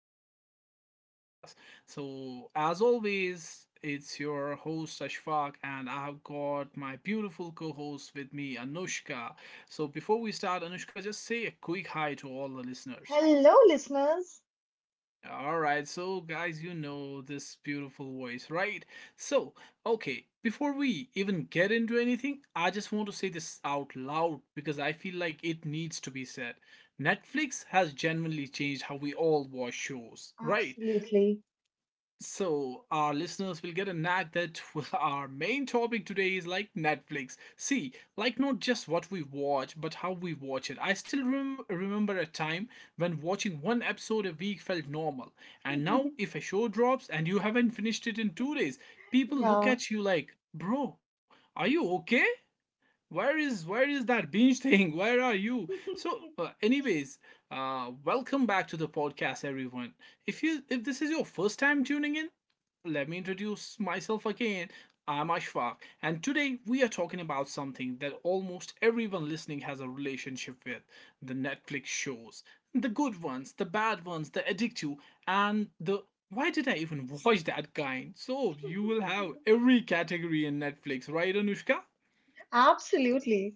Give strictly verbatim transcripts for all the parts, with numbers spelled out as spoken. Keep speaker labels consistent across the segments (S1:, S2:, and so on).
S1: one more podcast. So, as always, it's your host Ashfaq, and I have got my beautiful co host with me, Anushka. So, before we start, Anushka, just say a quick hi to all the listeners.
S2: Hello, listeners.
S1: All right, so guys, you know this beautiful voice, right? So, okay, before we even get into anything, I just want to say this out loud because I feel like it needs to be said. Netflix has genuinely changed how we all watch shows, right?
S2: Absolutely.
S1: So, our listeners will get a knack that our main topic today is like Netflix. See, like not just what we watch, but how we watch it. I still rem- remember a time when watching one episode a week felt normal. And now, if a show drops and you haven't finished it in two days, people look
S2: Yeah,
S1: at you like, bro, are you okay? where is where is that binge thing where are you? So uh, anyways, uh welcome back to the podcast everyone. If you if this is your first time tuning in, let me introduce myself again. I'm Ashfaq, and today we are talking about something that almost everyone listening has a relationship with: the Netflix shows, the good ones, the bad ones, the addictive, and the why did I even watch that kind. So you will have every category in Netflix, right, Anushka?
S2: absolutely.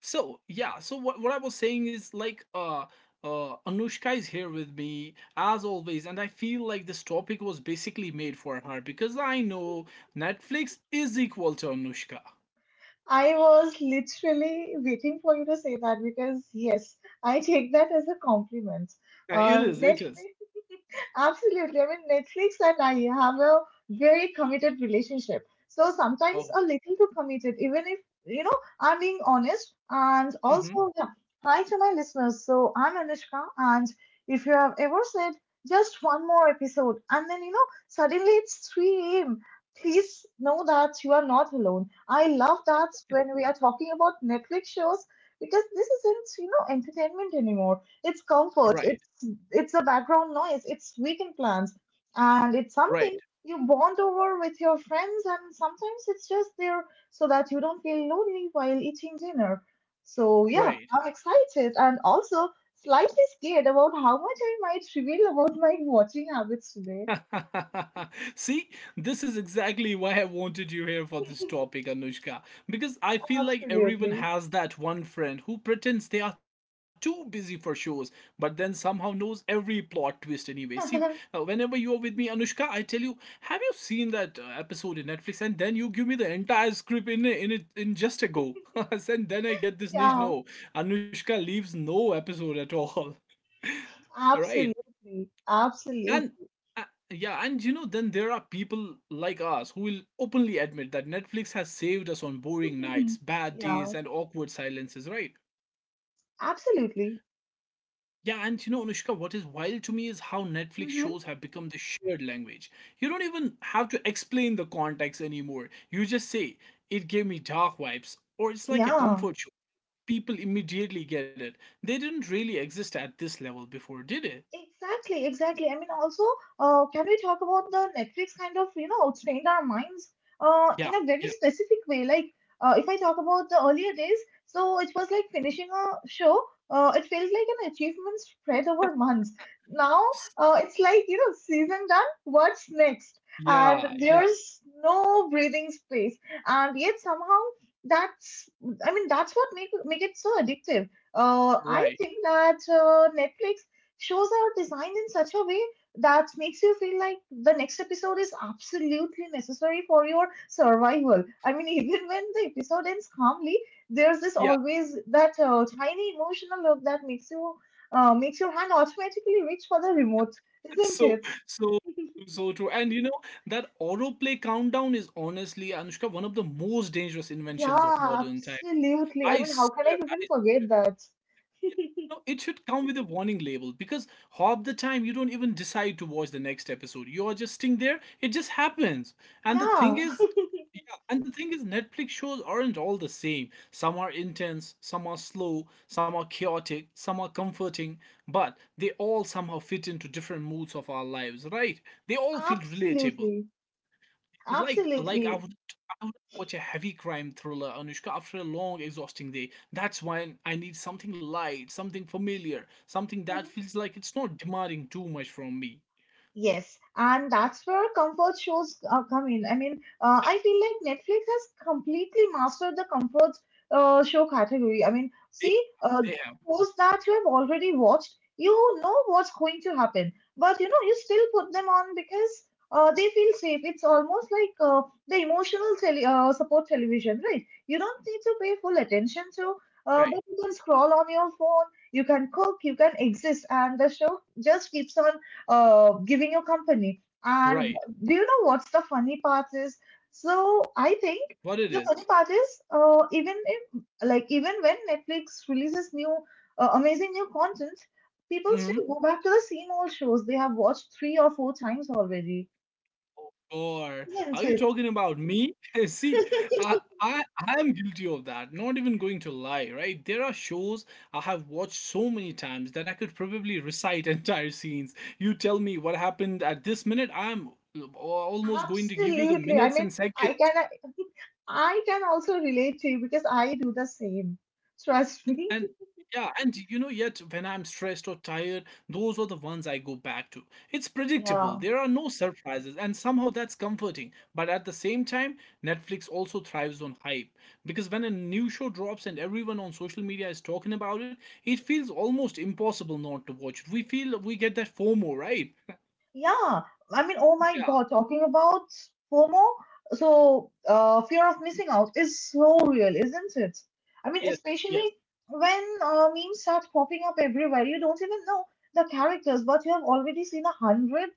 S1: So yeah, so what what I was saying is like uh uh Anushka is here with me as always, and I feel like this topic was basically made for her because I know Netflix is equal to Anushka.
S2: I was literally waiting for you to say that because, yes, I take that as a compliment.
S1: Uh, It
S2: Uh,
S1: is, it is.
S2: Netflix Absolutely. I mean, Netflix and I have a very committed relationship. So sometimes
S1: Oh.
S2: a little too committed, even if, you know, I'm being honest. And
S1: Mhm.
S2: also, yeah, hi to my listeners. So I'm Anushka. And if you have ever said just one more episode and then, you know, suddenly it's three a m, please know that you are not alone. I love that when we are talking about Netflix shows because this isn't, you know, entertainment anymore. It's comfort.
S1: Right.
S2: It's it's a background noise, it's weekend plans, and it's
S1: Right.
S2: something you bond over with your friends, and sometimes it's just there so that you don't feel lonely while eating dinner. So, yeah,
S1: Right.
S2: I'm excited and also slightly scared about how much I might reveal about my watching habits today.
S1: See, this is exactly why I wanted you here for this topic, Anushka. Because I feel like everyone
S2: Absolutely.
S1: has that one friend who pretends they are too busy for shows, but then somehow knows every plot twist anyway. See, uh, whenever you are with me, Anushka, I tell you, have you seen that uh, episode in Netflix? And then you give me the entire script in in it in just a go. And then I get this
S2: Yeah,
S1: niche. No, Anushka leaves no episode at all. Right?
S2: absolutely.
S1: And
S2: Absolutely.
S1: uh, yeah, and you know, then there are people like us who will openly admit that Netflix has saved us on boring nights, bad
S2: Yeah,
S1: days, and awkward silences, right?
S2: absolutely.
S1: Yeah, and you know, Anushka, what is wild to me is how Netflix shows
S2: Hmm.
S1: have become the shared language. You don't even have to explain the context anymore. You just say it gave me dark vibes or it's like a
S2: Yeah.
S1: comfort show, people immediately get it. They didn't really exist at this level before, did it?
S2: Exactly, exactly. I mean, also, uh, can we talk about the Netflix kind of, you know, trained our minds uh,
S1: Yeah.
S2: in a very
S1: Yeah.
S2: specific way? Like, uh, if I talk about the earlier days, so it was like finishing a show, uh, it felt like an achievement spread over months. Now,
S1: S-
S2: uh, it's like, you know, season done, what's next? And
S1: yeah. Yeah.
S2: there's no breathing space. And yet, somehow, that's, I mean, that's what make, make it so addictive. Uh,
S1: Right.
S2: I think that uh, Netflix shows are designed in such a way that makes you feel like the next episode is absolutely necessary for your survival. I mean, even when the episode ends calmly, there's this
S1: Yeah.
S2: always that uh, tiny emotional look that makes you uh, makes your hand automatically reach for the remote, isn't
S1: So,
S2: it?
S1: so, so true. And you know, that autoplay countdown is honestly, Anushka, one of the most dangerous inventions of
S2: Yeah,
S1: modern time.
S2: absolutely. I
S1: I
S2: mean, how can I
S1: swear, I
S2: even forget
S1: swear.
S2: that?
S1: Yeah. No, it should come with a warning label because half the time you don't even decide to watch the next episode. You're just sitting there, it just happens. And the thing
S2: Yeah,
S1: is, yeah, and the thing is, Netflix shows aren't all the same. Some are intense, some are slow, some are chaotic, some are comforting, but they all somehow fit into different moods of our lives, right? They all feel relatable.
S2: absolutely,
S1: Like like I
S2: absolutely.
S1: would, I would watch a heavy crime thriller, Anushka, after a long, exhausting day. That's why I need something light, something familiar, something that
S2: Mm-hmm.
S1: feels like it's not demanding too much from me.
S2: Yes, and that's where comfort shows uh, come in. I mean, uh,
S1: Yeah,
S2: I feel like Netflix has completely mastered the comfort uh, show category. I mean,
S1: they,
S2: see, uh,
S1: they have.
S2: shows that you have already watched, you know what's going to happen, but you know, you still put them on because uh, they feel safe. It's almost like uh, the emotional tele uh, support television, right? You don't need to pay full attention to, uh,
S1: Right,
S2: but you can scroll on your phone, you can cook, you can exist, and the show just keeps on uh, giving you company. And
S1: right.
S2: do you know what's the funny part is? So I think
S1: What it
S2: the funny
S1: is.
S2: part is uh, even if like even when Netflix releases new uh, amazing new content, people
S1: Mm-hmm.
S2: still go back to the same old shows they have watched three or four times already,
S1: Or are
S2: isn't
S1: you
S2: it?
S1: talking about me? See, I, I I am guilty of that. Not even going to lie, right? There are shows I have watched so many times that I could probably recite entire scenes. You tell me what happened at this minute, I'm almost going to give you the
S2: Absolutely. I
S1: minutes
S2: mean,
S1: and seconds.
S2: I can I I can also relate to you because I do the same. Trust me.
S1: And yeah, and you know, yet when I'm stressed or tired, those are the ones I go back to. It's predictable,
S2: Yeah.
S1: there are no surprises, and somehow that's comforting. But at the same time, Netflix also thrives on hype, because when a new show drops and everyone on social media is talking about it, it feels almost impossible not to watch it. We feel, we get that FOMO, right?
S2: Yeah, I mean, oh my
S1: Yeah.
S2: God, talking about FOMO, so uh, fear of missing out is so real, isn't it? I
S1: Yes.
S2: mean,
S1: Yes.
S2: especially when uh, memes start popping up everywhere, you don't even know the characters, but you have already seen a hundred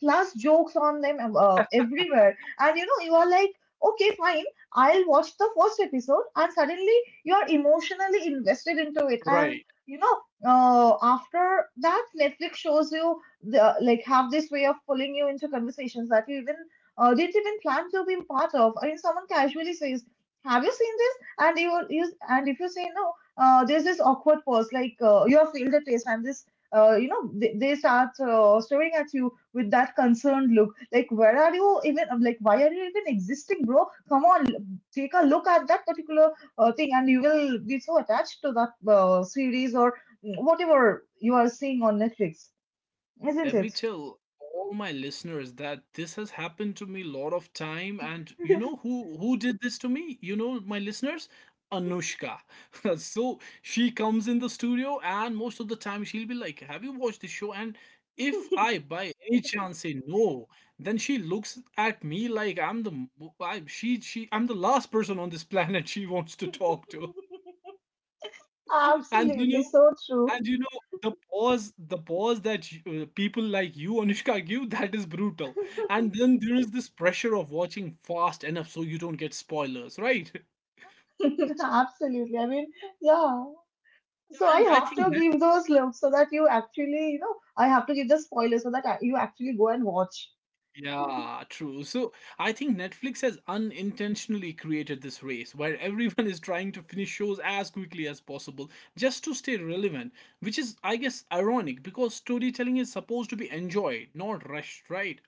S2: plus jokes on them uh, everywhere. And you know, you are like, okay, fine, I'll watch the first episode, and suddenly you're emotionally invested into it. And
S1: Right.
S2: you know, uh, after that, Netflix shows you the like have this way of pulling you into conversations that you even uh, didn't even plan to be part of. I mean, someone casually says, "Have you seen this?" And you, you and if you say no, uh, there's this awkward pause, like uh, you have failed the test, and this, uh, you know, they, they start uh, staring at you with that concerned look. Like, where are you even? I'm like, why are you even existing, bro? Come on, l- take a look at that particular uh, thing, and you will be so attached to that uh, series or whatever you are seeing on Netflix, isn't
S1: Let me
S2: it?
S1: tell all my listeners that this has happened to me a lot of time, and you know who who did this to me? You know my listeners, Anushka. So she comes in the studio, and most of the time she'll be like, "Have you watched this show?" And if I by any chance say no, then she looks at me like I'm the mo- I, she she I'm the last person on this planet she wants to talk to. And you
S2: Absolutely,
S1: know,
S2: so true.
S1: and you know, the pause, the pause that you, uh, people like you, Anushka, give, that is brutal. And then there is this pressure of watching fast enough so you don't get spoilers, right?
S2: Absolutely. I mean, yeah.
S1: Yeah,
S2: So I
S1: And I
S2: have
S1: think
S2: to
S1: Net-
S2: give those looks so that you actually, you know, I have to give the spoiler so that I- you actually go and watch.
S1: yeah, true. So I think Netflix has unintentionally created this race where everyone is trying to finish shows as quickly as possible just to stay relevant, which is, I guess, ironic because storytelling is supposed to be enjoyed, not rushed, right?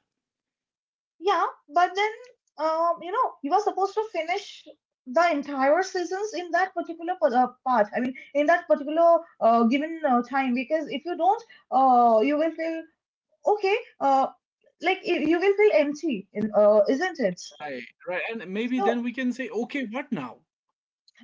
S2: Yeah, but then um, you know you are supposed to finish the entire seasons in that particular pa- uh, part. I mean, in that particular uh, given uh, time, because if you don't, uh, you will feel okay. Uh, like y- you will feel empty, in- uh, isn't it?
S1: Right, right. And maybe
S2: So
S1: then we can say, okay, what now?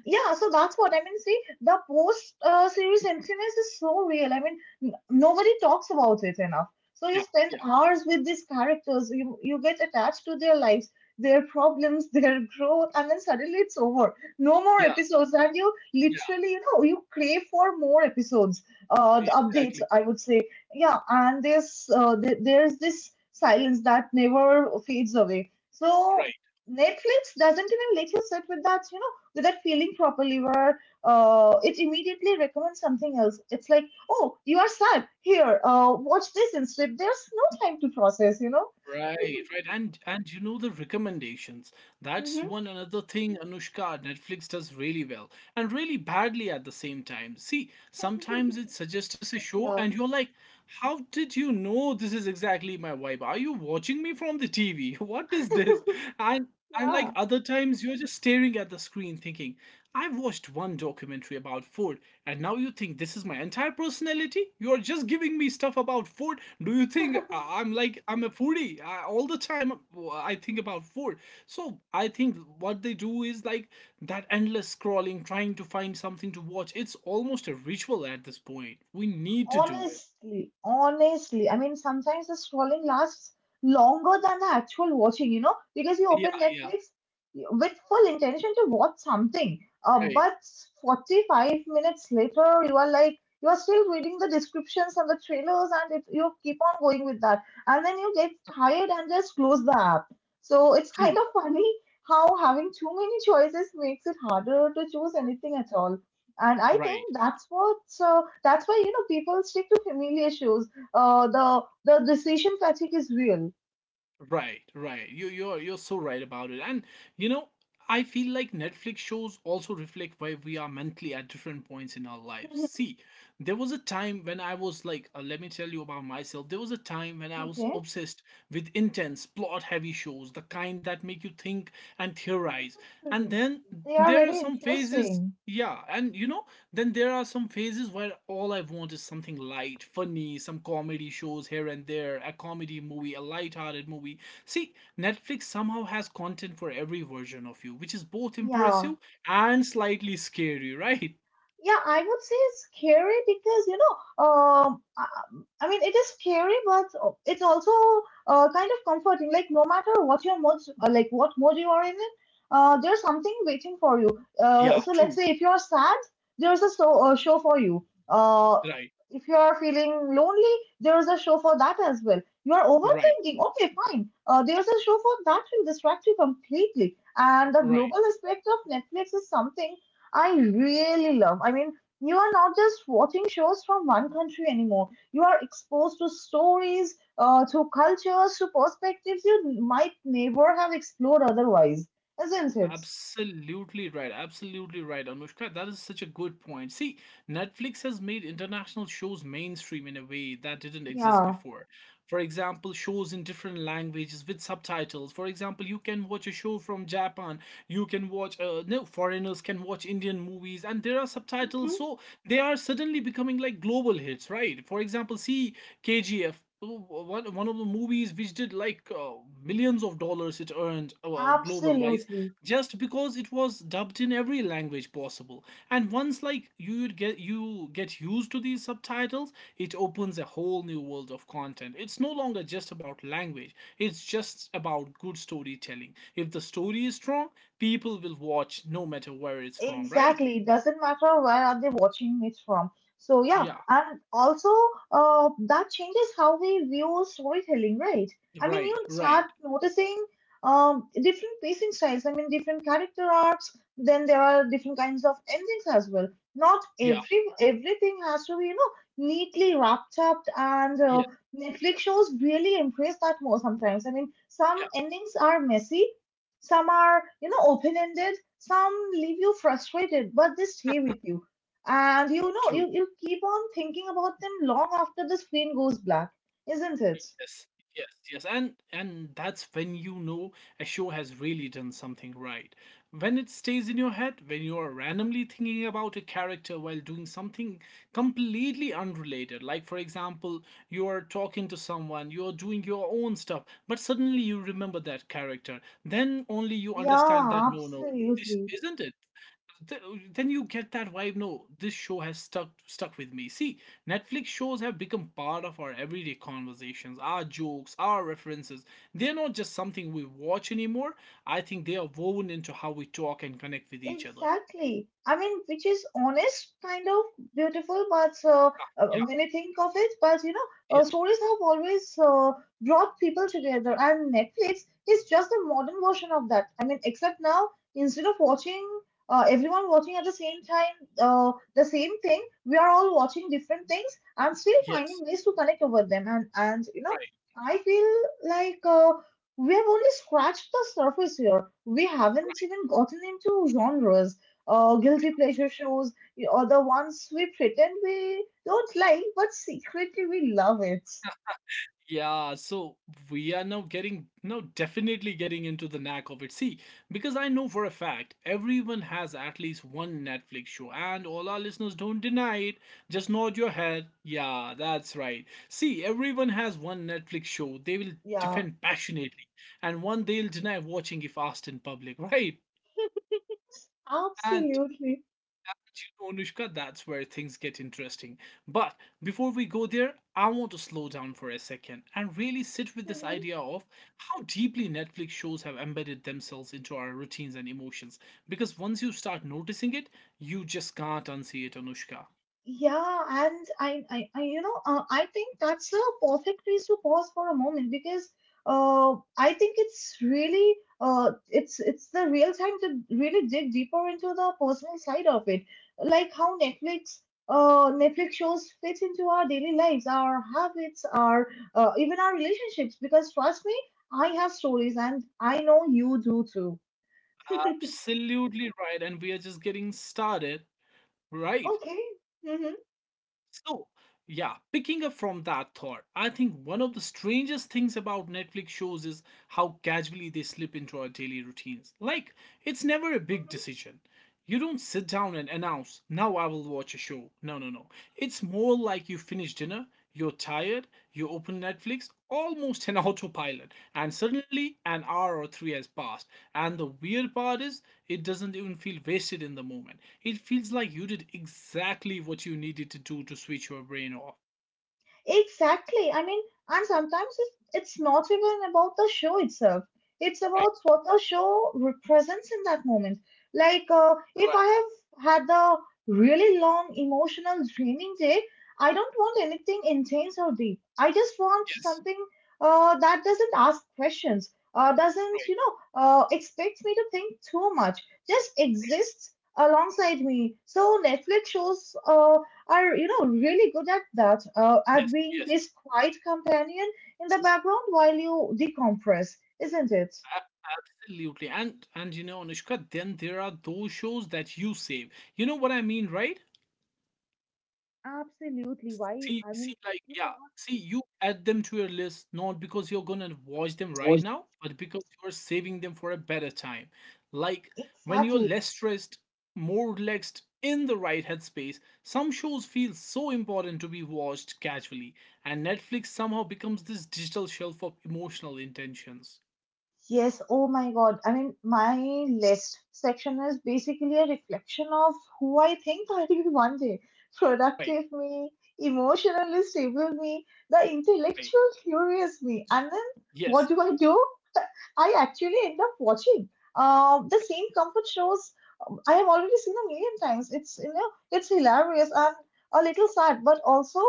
S2: yeah, so that's what I mean, see, the post uh, series emptiness is so real. I mean, n- nobody talks about it enough, so you spend
S1: Yeah.
S2: hours with these characters, you you get attached to their lives, their problems their growth, and then suddenly it's over, no more
S1: Yeah,
S2: episodes, and you
S1: yeah,
S2: literally you know you crave for more episodes, uh
S1: yeah,
S2: the updates
S1: exactly.
S2: I would say. Yeah, and there's uh, th- there's this silence that never fades away, so
S1: Right,
S2: Netflix doesn't even let you sit with that You know without feeling properly where uh, it immediately recommends something else. It's like, oh, you are sad. Here, uh, watch this instead. There's no time to process, you know?
S1: right, right. And and you know, the recommendations. That's
S2: Hmm.
S1: one another thing, Anushka, Netflix does really well and really badly at the same time. See, sometimes it suggests us a show
S2: Yeah.
S1: and you're like, how did you know this is exactly my vibe? Are you watching me from the T V? What is this? And and
S2: Yeah.
S1: like other times you're just staring at the screen thinking, I've watched one documentary about food and now you think this is my entire personality? You are just giving me stuff about food. Do you think I- am, like, I'm a foodie, I, all the time? uh, I think about food. So I think what they do is like that endless scrolling, trying to find something to watch. It's almost a ritual at this point. We need to do it.
S2: Honestly, honestly, I mean, sometimes the scrolling lasts longer than the actual watching, you know, because you
S1: Yeah,
S2: open
S1: yeah,
S2: Netflix with full intention to watch something. Uh,
S1: right,
S2: but forty-five minutes later, you are like, you are still reading the descriptions and the trailers, and it, you keep on going with that. And then you get tired and just close the app. So it's kind
S1: true,
S2: of funny how having too many choices makes it harder to choose anything at all, and I think
S1: right.
S2: that's what uh, that's why you know people stick to familiar shows. Uh, the the decision fatigue is real.
S1: Right, right. You you're you're so right about it. And you know, I feel like Netflix shows also reflect where we are mentally at different points in our lives.
S2: Mhm.
S1: See, there was a time when I was like, uh, let me tell you about myself. There was a time when I was
S2: Okay.
S1: obsessed with intense, plot-heavy shows, the kind that make you think and theorize. And
S2: Mhm.
S1: then
S2: They are
S1: there are
S2: very
S1: some phases,
S2: interesting.
S1: yeah. And you know, then there are some phases where all I want is something light, funny, some comedy shows here and there, a comedy movie, a light-hearted movie. See, Netflix somehow has content for every version of you, which is both
S2: Yeah.
S1: impressive and slightly scary, right?
S2: Yeah, I would say it's scary because you know, um, I I mean, it is scary, but oh, it's also uh, kind of comforting. Like no matter what your mood, uh, like what mood you are in, uh, there's something waiting for you. Uh,
S1: Yeah,
S2: so let's
S1: true.
S2: say if you are sad, there's a so, uh, show for you. Uh,
S1: Right.
S2: if you are feeling lonely, there is a show for that as well. You are
S1: Right.
S2: overthinking. Okay, fine. Uh, there's a show for that will distract you completely. And the
S1: Right.
S2: global aspect of Netflix is something I really love. I mean, you are not just watching shows from one country anymore. You are exposed to stories, uh, to cultures, to perspectives you might never have explored otherwise, isn't it?
S1: Absolutely right. Absolutely right, Anushka. That is such a good point. See, Netflix has made international shows mainstream in a way that didn't exist
S2: Yeah.
S1: before. For example, shows in different languages with subtitles. For example, you can watch a show from Japan. You can watch, uh, no, foreigners can watch Indian movies, and there are subtitles.
S2: Mhm.
S1: So they are suddenly becoming like global hits, right? For example, see K G F. One, one of the movies which did like uh, millions of dollars it earned uh, global wise,
S2: Absolutely.
S1: just because it was dubbed in every language possible. And once like you'd get, you get used to these subtitles, it opens a whole new world of content. It's no longer just about language, it's just about good storytelling. If the story is strong, people will watch no matter where it's from, right?
S2: Exactly. It doesn't matter where are they watching it from. So yeah,
S1: Yeah.
S2: and also uh, that changes how we view storytelling, right? I mean, you
S1: Right.
S2: start
S1: Right.
S2: noticing um, different pacing styles. I mean, different character arcs. Then there are different kinds of endings as well. Not
S1: Yeah.
S2: every everything has to be you know neatly wrapped up. And uh,
S1: Yes.
S2: Netflix shows really embrace that more sometimes. I mean, some
S1: Yeah.
S2: endings are messy, some are, you know, open ended, some leave you frustrated, but they stay with you. And you know,
S1: True.
S2: you, you keep on thinking about them long after the screen goes black, isn't it?
S1: Yes, yes, yes, and and that's when you know a show has really done something right. When it stays in your head, when you are randomly thinking about a character while doing something completely unrelated, like for example, you are talking to someone, you are doing your own stuff, but suddenly you remember that character. Then only you understand that
S2: Yeah,
S1: no, no, this
S2: absolutely.
S1: isn't it. Th- then you get that vibe, no, this show has stuck stuck with me. See, Netflix shows have become part of our everyday conversations, our jokes, our references. They're not just something we watch anymore. I think they are woven into how we talk and connect with each other.
S2: Exactly. I mean, which is honest, kind of beautiful, but uh,
S1: Ah,
S2: uh,
S1: yeah.
S2: when you think of it, but you know, uh,
S1: Yes.
S2: stories have always uh, brought people together, and Netflix is just a modern version of that. I mean, except now, instead of watching uh, everyone watching at the same time uh, the same thing, we are all watching different things and still finding
S1: Yes.
S2: ways to connect over them. And and you know, I feel like uh, we have only scratched the surface here. We haven't even gotten into genres, uh, guilty pleasure shows, or the ones we pretend we don't like, but secretly we love it.
S1: Yeah, so we are now getting, now definitely getting into the knack of it. See, because I know for a fact everyone has at least one Netflix show, and all our listeners, don't deny it. Just nod your head. Yeah, that's right. See, everyone has one Netflix show they will
S2: Yeah,
S1: defend passionately, and one they'll deny watching if asked in public, right? And
S2: absolutely.
S1: you know, Anushka, that's where things get interesting. But before we go there, I want to slow down for a second and really sit with this idea of how deeply Netflix shows have embedded themselves into our routines and emotions. Because once you start noticing it, you just can't unsee it, Anushka.
S2: Yeah, and I, I, I you know, uh, I think that's a perfect place to pause for a moment because uh, I think it's really, uh, it's it's the real time to really dig deeper into the personal side of it, like how Netflix, uh, Netflix shows fit into our daily lives, our habits, our uh, even our relationships. Because trust me, I have stories, and I know you do too.
S1: Absolutely right, and we are just getting started, right?
S2: Okay. Mm-hmm.
S1: So, yeah, picking up from that thought, I think one of the strangest things about Netflix shows is how casually they slip into our daily routines. Like, it's never a big decision. You don't sit down and announce, now I will watch a show. No, no, no. It's more like you finish dinner, you're tired, you open Netflix, almost an autopilot, and suddenly an hour or three has passed. And the weird part is, it doesn't even feel wasted in the moment. It feels like you did exactly what you needed to do to switch your brain off.
S2: Exactly. I mean, and sometimes it's, it's not even about the show itself. It's
S1: Right,
S2: about what the show represents in that moment. Like, uh,
S1: right,
S2: if I have had a really long emotional draining day, I don't want anything intense or deep. I just want
S1: yes,
S2: something uh, that doesn't ask questions, uh, doesn't,
S1: right,
S2: you know, uh, expect me to think too much, just exists alongside me. So Netflix shows uh, are you know really good at that uh, at
S1: yes,
S2: being
S1: yes,
S2: this quiet companion in the background while you decompress, isn't it?
S1: a- absolutely. And and you know, Anushka, then there are those shows that you save. You know what I mean, right?
S2: Absolutely. Why?
S1: See,
S2: I
S1: see,
S2: mean,
S1: like,
S2: you
S1: yeah,
S2: cannot.
S1: see, you add them to your list not because you're gonna watch them right now, but because you're saving them for a better time. Like, when you're
S2: Exactly.
S1: less stressed, more relaxed, in the right headspace, some shows feel so important to be watched casually, and Netflix somehow becomes this digital shelf of emotional intentions.
S2: Yes, oh my God. I mean, my list section is basically a reflection of who I think I will be one day.
S1: Right,
S2: Productive me, emotionally stable me, the
S1: right.
S2: intellectual curious me. And then what
S1: Yes,
S2: do I do? I actually end up watching uh, the same comfort shows um, I have already seen a million times. It's you know it's hilarious and a little sad, but also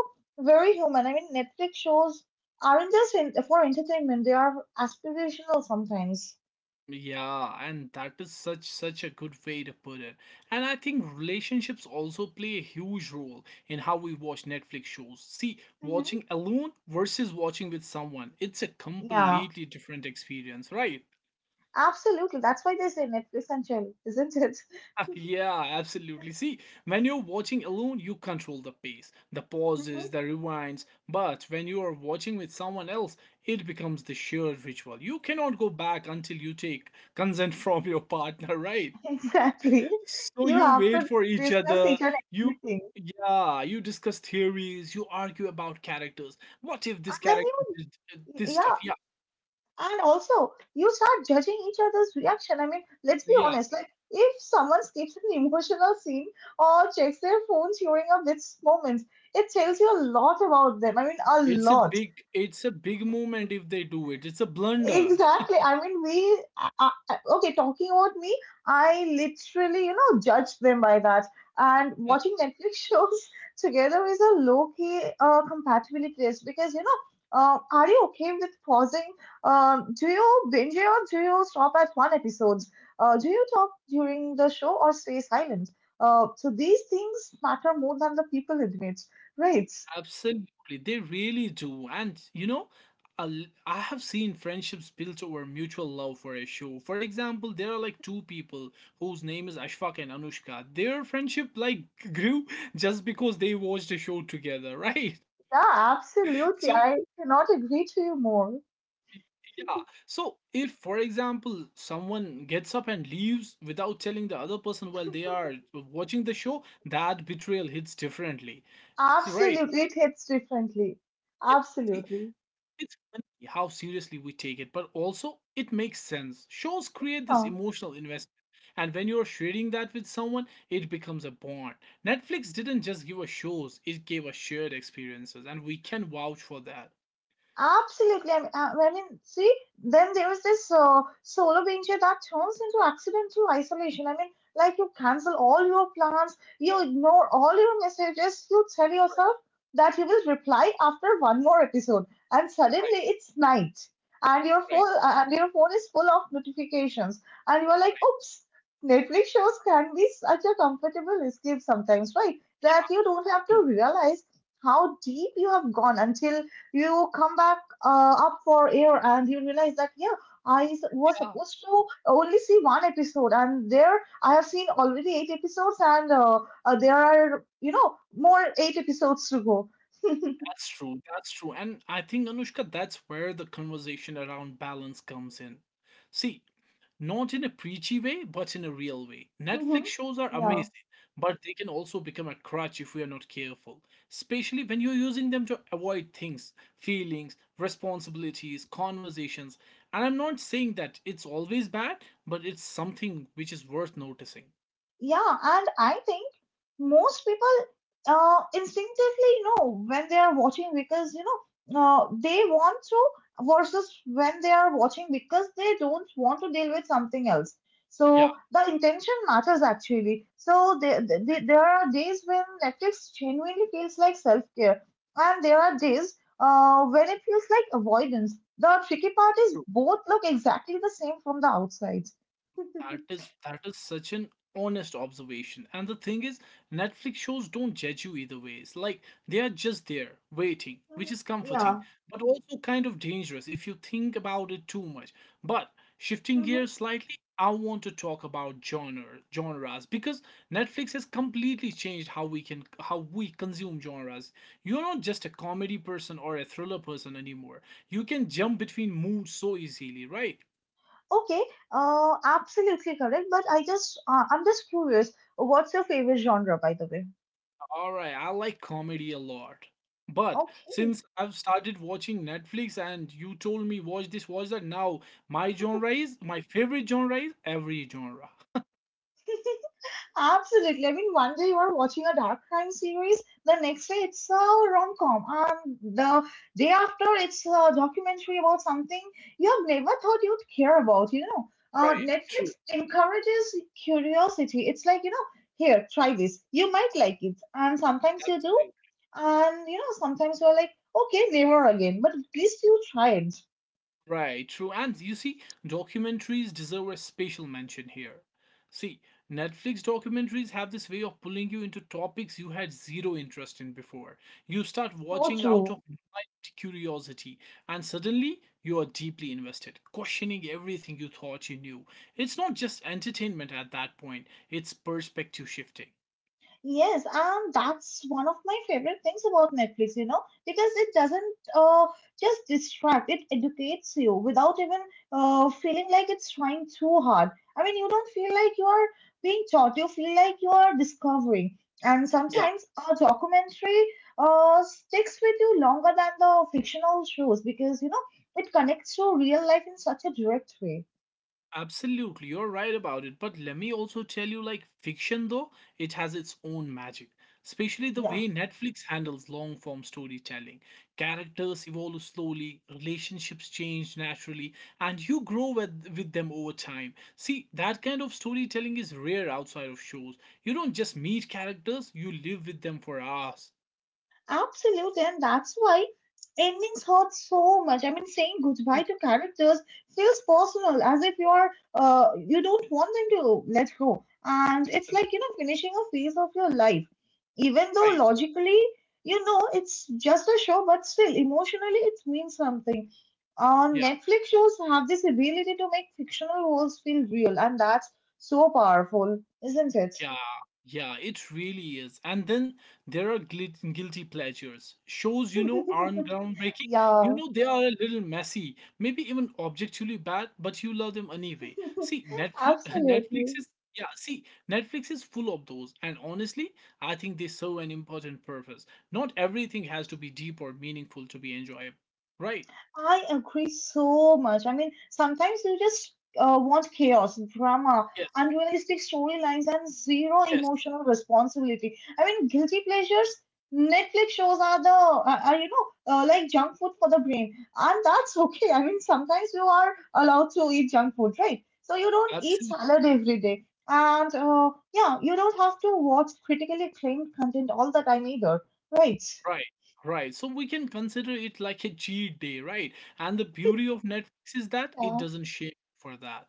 S2: very human. I mean, Netflix shows aren't just in, for entertainment, they are aspirational sometimes.
S1: yeah, and that is such such a good way to put it. And I think relationships also play a huge role in how we watch Netflix shows. See,
S2: Mm-hmm.
S1: watching alone versus watching with someone, it's a
S2: Yeah,
S1: completely different experience, right?
S2: absolutely. That's why they say Netflix and chill, isn't it?
S1: Yeah, absolutely. See, when you're watching alone, you control the pace, the
S2: Mm-hmm.
S1: pauses, the rewinds. But when you are watching with someone else, it becomes the shared ritual. You cannot go back until you take consent from your partner, right?
S2: Exactly.
S1: So
S2: You
S1: you
S2: have
S1: wait
S2: to
S1: for each
S2: discuss each
S1: other.
S2: and
S1: You,
S2: everything.
S1: yeah, you discuss theories. You argue about characters. What if
S2: And
S1: this
S2: then
S1: character
S2: you,
S1: did uh, this stuff?
S2: yeah,
S1: Yeah,
S2: and also you start judging each other's reaction. I mean, let's be
S1: yeah.
S2: honest, like if someone skips an emotional scene or checks their phones during a bit moment, it tells you a lot about them. I mean, a
S1: It's a
S2: lot.
S1: big, it's a big moment if they do it. It's a blunder.
S2: Exactly. I mean, we, uh, okay, talking about me, I literally, you know, judge them by that. And watching Netflix shows together is a low key uh, compatibility test because, you know, uh, are you okay with pausing? Um, do you binge or do you stop at one episode? Uh, do you talk during the show or stay silent? Uh, so these things matter more than the people admit, right?
S1: Absolutely, they really do. And you know, a l- I have seen friendships built over mutual love for a show. For example, there are like two people whose name is Ashfaq and Anushka. Their friendship like grew just because they watched a show together, right?
S2: Yeah,
S1: So,
S2: absolutely. I cannot agree to you more.
S1: yeah. So, if, for example, someone gets up and leaves without telling the other person while they are watching the show, that betrayal hits differently. So, right.
S2: Absolutely, it hits differently.
S1: Yeah. See,
S2: Absolutely.
S1: it's funny how seriously we take it, but also it makes sense. Shows create this
S2: Oh,
S1: emotional investment. And when you're sharing that with someone, it becomes a bond. Netflix didn't just give us shows, it gave us shared experiences, and we can vouch for that.
S2: absolutely. I mean, uh, well, I mean, see, then there was this uh, solar danger that turns into accidental isolation. I mean, like you cancel all your plans, you ignore all your messages, you tell yourself that you will reply after one more episode, and
S1: Right,
S2: suddenly it's night, and your
S1: right,
S2: phone uh, and your phone is full of notifications, and you are like, oops. Netflix shows can be such a comfortable escape sometimes, right? That you don't have
S1: right.
S2: to realize how deep you have gone until you come back uh, up for air and you realize that yeah i s- was
S1: True.
S2: supposed to only see one episode and there I have seen already eight episodes and uh, uh, there are you know more eight episodes to go.
S1: That's true. That's true. And I think, Anushka, that's where the conversation around balance comes in. See, not in a preachy way, but in a real way.
S2: Mm-hmm.
S1: Netflix shows are
S2: Yeah.
S1: amazing, but they can also become a crutch if we are not careful, especially when you're using them to avoid things, feelings, responsibilities, conversations. And I'm not saying that it's always bad, but it's something which is worth noticing.
S2: Yeah, and I think most people uh, instinctively know when they are watching because you know uh, they want to, versus when they are watching because they don't want to deal with something else.
S1: Yeah,
S2: So the intention matters actually. So they, they,
S1: right.
S2: there are days when Netflix genuinely feels like self care, and there are days uh, when it feels like avoidance. The tricky part is both look exactly the same from the outside.
S1: That is that is such an honest observation. And the thing is, Netflix shows don't judge you either ways. Like they are just there waiting, which
S2: Mhm.
S1: is comforting,
S2: Yeah.
S1: but also kind of dangerous if you think about it too much. But shifting
S2: Mm-hmm.
S1: gears slightly, I want to talk about genre genres because Netflix has completely changed how we can how we consume genres. You're not just a comedy person or a thriller person anymore. You can jump between moods so easily, right?
S2: Okay, uh, absolutely correct. But I just, uh, I'm just curious, what's your favorite genre, by the way?
S1: All right, I like comedy a lot. But
S2: Okay.
S1: since I've started watching Netflix and you told me watch this, watch that, now my genre is my favorite genre is every genre.
S2: Absolutely. I mean, one day you are watching a dark crime series, the next day it's a rom-com, and the day after it's a documentary about something you have never thought you'd care about, you know. Uh,
S1: Right,
S2: Netflix
S1: true.
S2: encourages curiosity. It's like, you know, here, try this. You might like it. And sometimes you do.
S1: Absolutely.
S2: And, you know, sometimes you're like, okay, never again. But at least you tried.
S1: Right, true. And you see, documentaries deserve a special mention here. See, Netflix documentaries have this way of pulling you into topics you had zero interest in before. You start
S2: So
S1: watching out
S2: true.
S1: of blind curiosity, and suddenly you are deeply invested, questioning everything you thought you knew. It's not just entertainment at that point, it's perspective shifting.
S2: Yes, and that's one of my favorite things about Netflix, you know, because it doesn't uh, just distract, it educates you without even uh, feeling like it's trying too hard. I mean, you don't feel like you are being taught, you feel like you are discovering. And
S1: Yeah,
S2: sometimes a documentary uh, sticks with you longer than the fictional shows because, you know, it connects to real life in such a direct way.
S1: absolutely, you're right about it. But let me also tell you like fiction, though, it has its own magic, especially the
S2: Yeah.
S1: way Netflix handles long form storytelling. Characters evolve slowly, relationships change naturally, and you grow with, with them over time. See, that kind of storytelling is rare outside of shows. You don't just meet characters, you live with them for hours.
S2: Absolutely, and that's why endings hurt so much. I mean, saying goodbye
S1: Ooh,
S2: to characters feels personal, as if you are uh, you don't want them to let go, and it's
S1: that's
S2: like you know finishing a phase of your life, even though
S1: right.
S2: logically you know it's just a show, but still emotionally it means something. Um,
S1: Yeah.
S2: Netflix shows have this ability to make fictional worlds feel real, and that's so powerful, isn't it?
S1: Yeah, yeah, it really is. And then there are glit- guilty pleasures. Shows, you know, aren't groundbreaking. You
S2: Yeah,
S1: know, they are a little messy, maybe even objectively bad, but you love them anyway. See, Netflix, Netflix
S2: absolutely.
S1: is, yeah, see, Netflix is full of those. And honestly, I think they serve an important purpose. Not everything has to be deep or meaningful to be enjoyable, right?
S2: I agree so much. I mean, sometimes you just uh, want chaos, drama, unrealistic storylines, and zero
S1: Yes,
S2: emotional responsibility. I mean, guilty pleasures. Netflix shows are the are, are, you know uh, like junk food for the brain, and that's okay. I mean, sometimes you are allowed to eat junk food, right? So you don't
S1: yes,
S2: eat salad every day, and uh, yeah, you don't have to watch critically acclaimed content all the time either, right?
S1: right, right. So we can consider it like a cheat day, right? And the beauty of Netflix is that it doesn't shame you for that.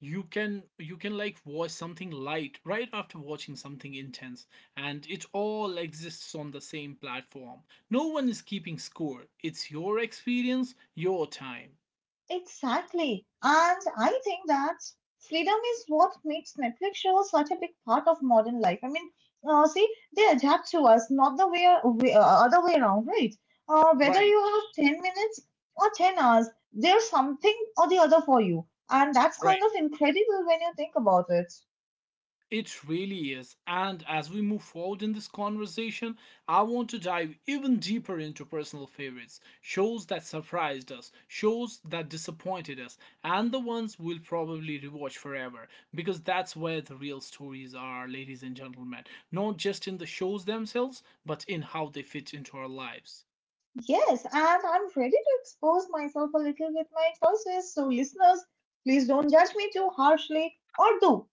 S1: You can you can like watch something light right after watching something intense, and it all exists on the same platform. No one is keeping score. It's your experience, your time.
S2: Exactly. And I think that freedom is what makes Netflix shows such a big part of modern life. I mean, uh, see, they adapt to us, not the way, way uh, other way around, right? Uh, whether
S1: Right,
S2: you have ten minutes or ten hours, there's something or the other for you. And that's
S1: right.
S2: kind of incredible when you think about it.
S1: It really is. And as we move forward in this conversation, I want to dive even deeper into personal favorites shows that surprised us, shows that disappointed us, and the ones we'll probably rewatch forever. Because that's where the real stories are, ladies and gentlemen. Not just in the shows themselves, but in how they fit into our lives.
S2: Yes, and I'm ready to expose myself a little with my choices. So, listeners, please don't judge me too harshly, or do.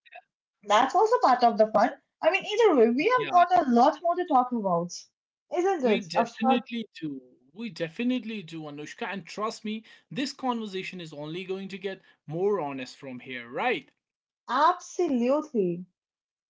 S2: That's also part of the fun. I mean, either way, we have
S1: Yeah,
S2: got a lot more to talk about, isn't
S1: we
S2: it? Of
S1: definitely do. We definitely do, Anushka. And trust me, this conversation is only going to get more honest from here, right?
S2: absolutely.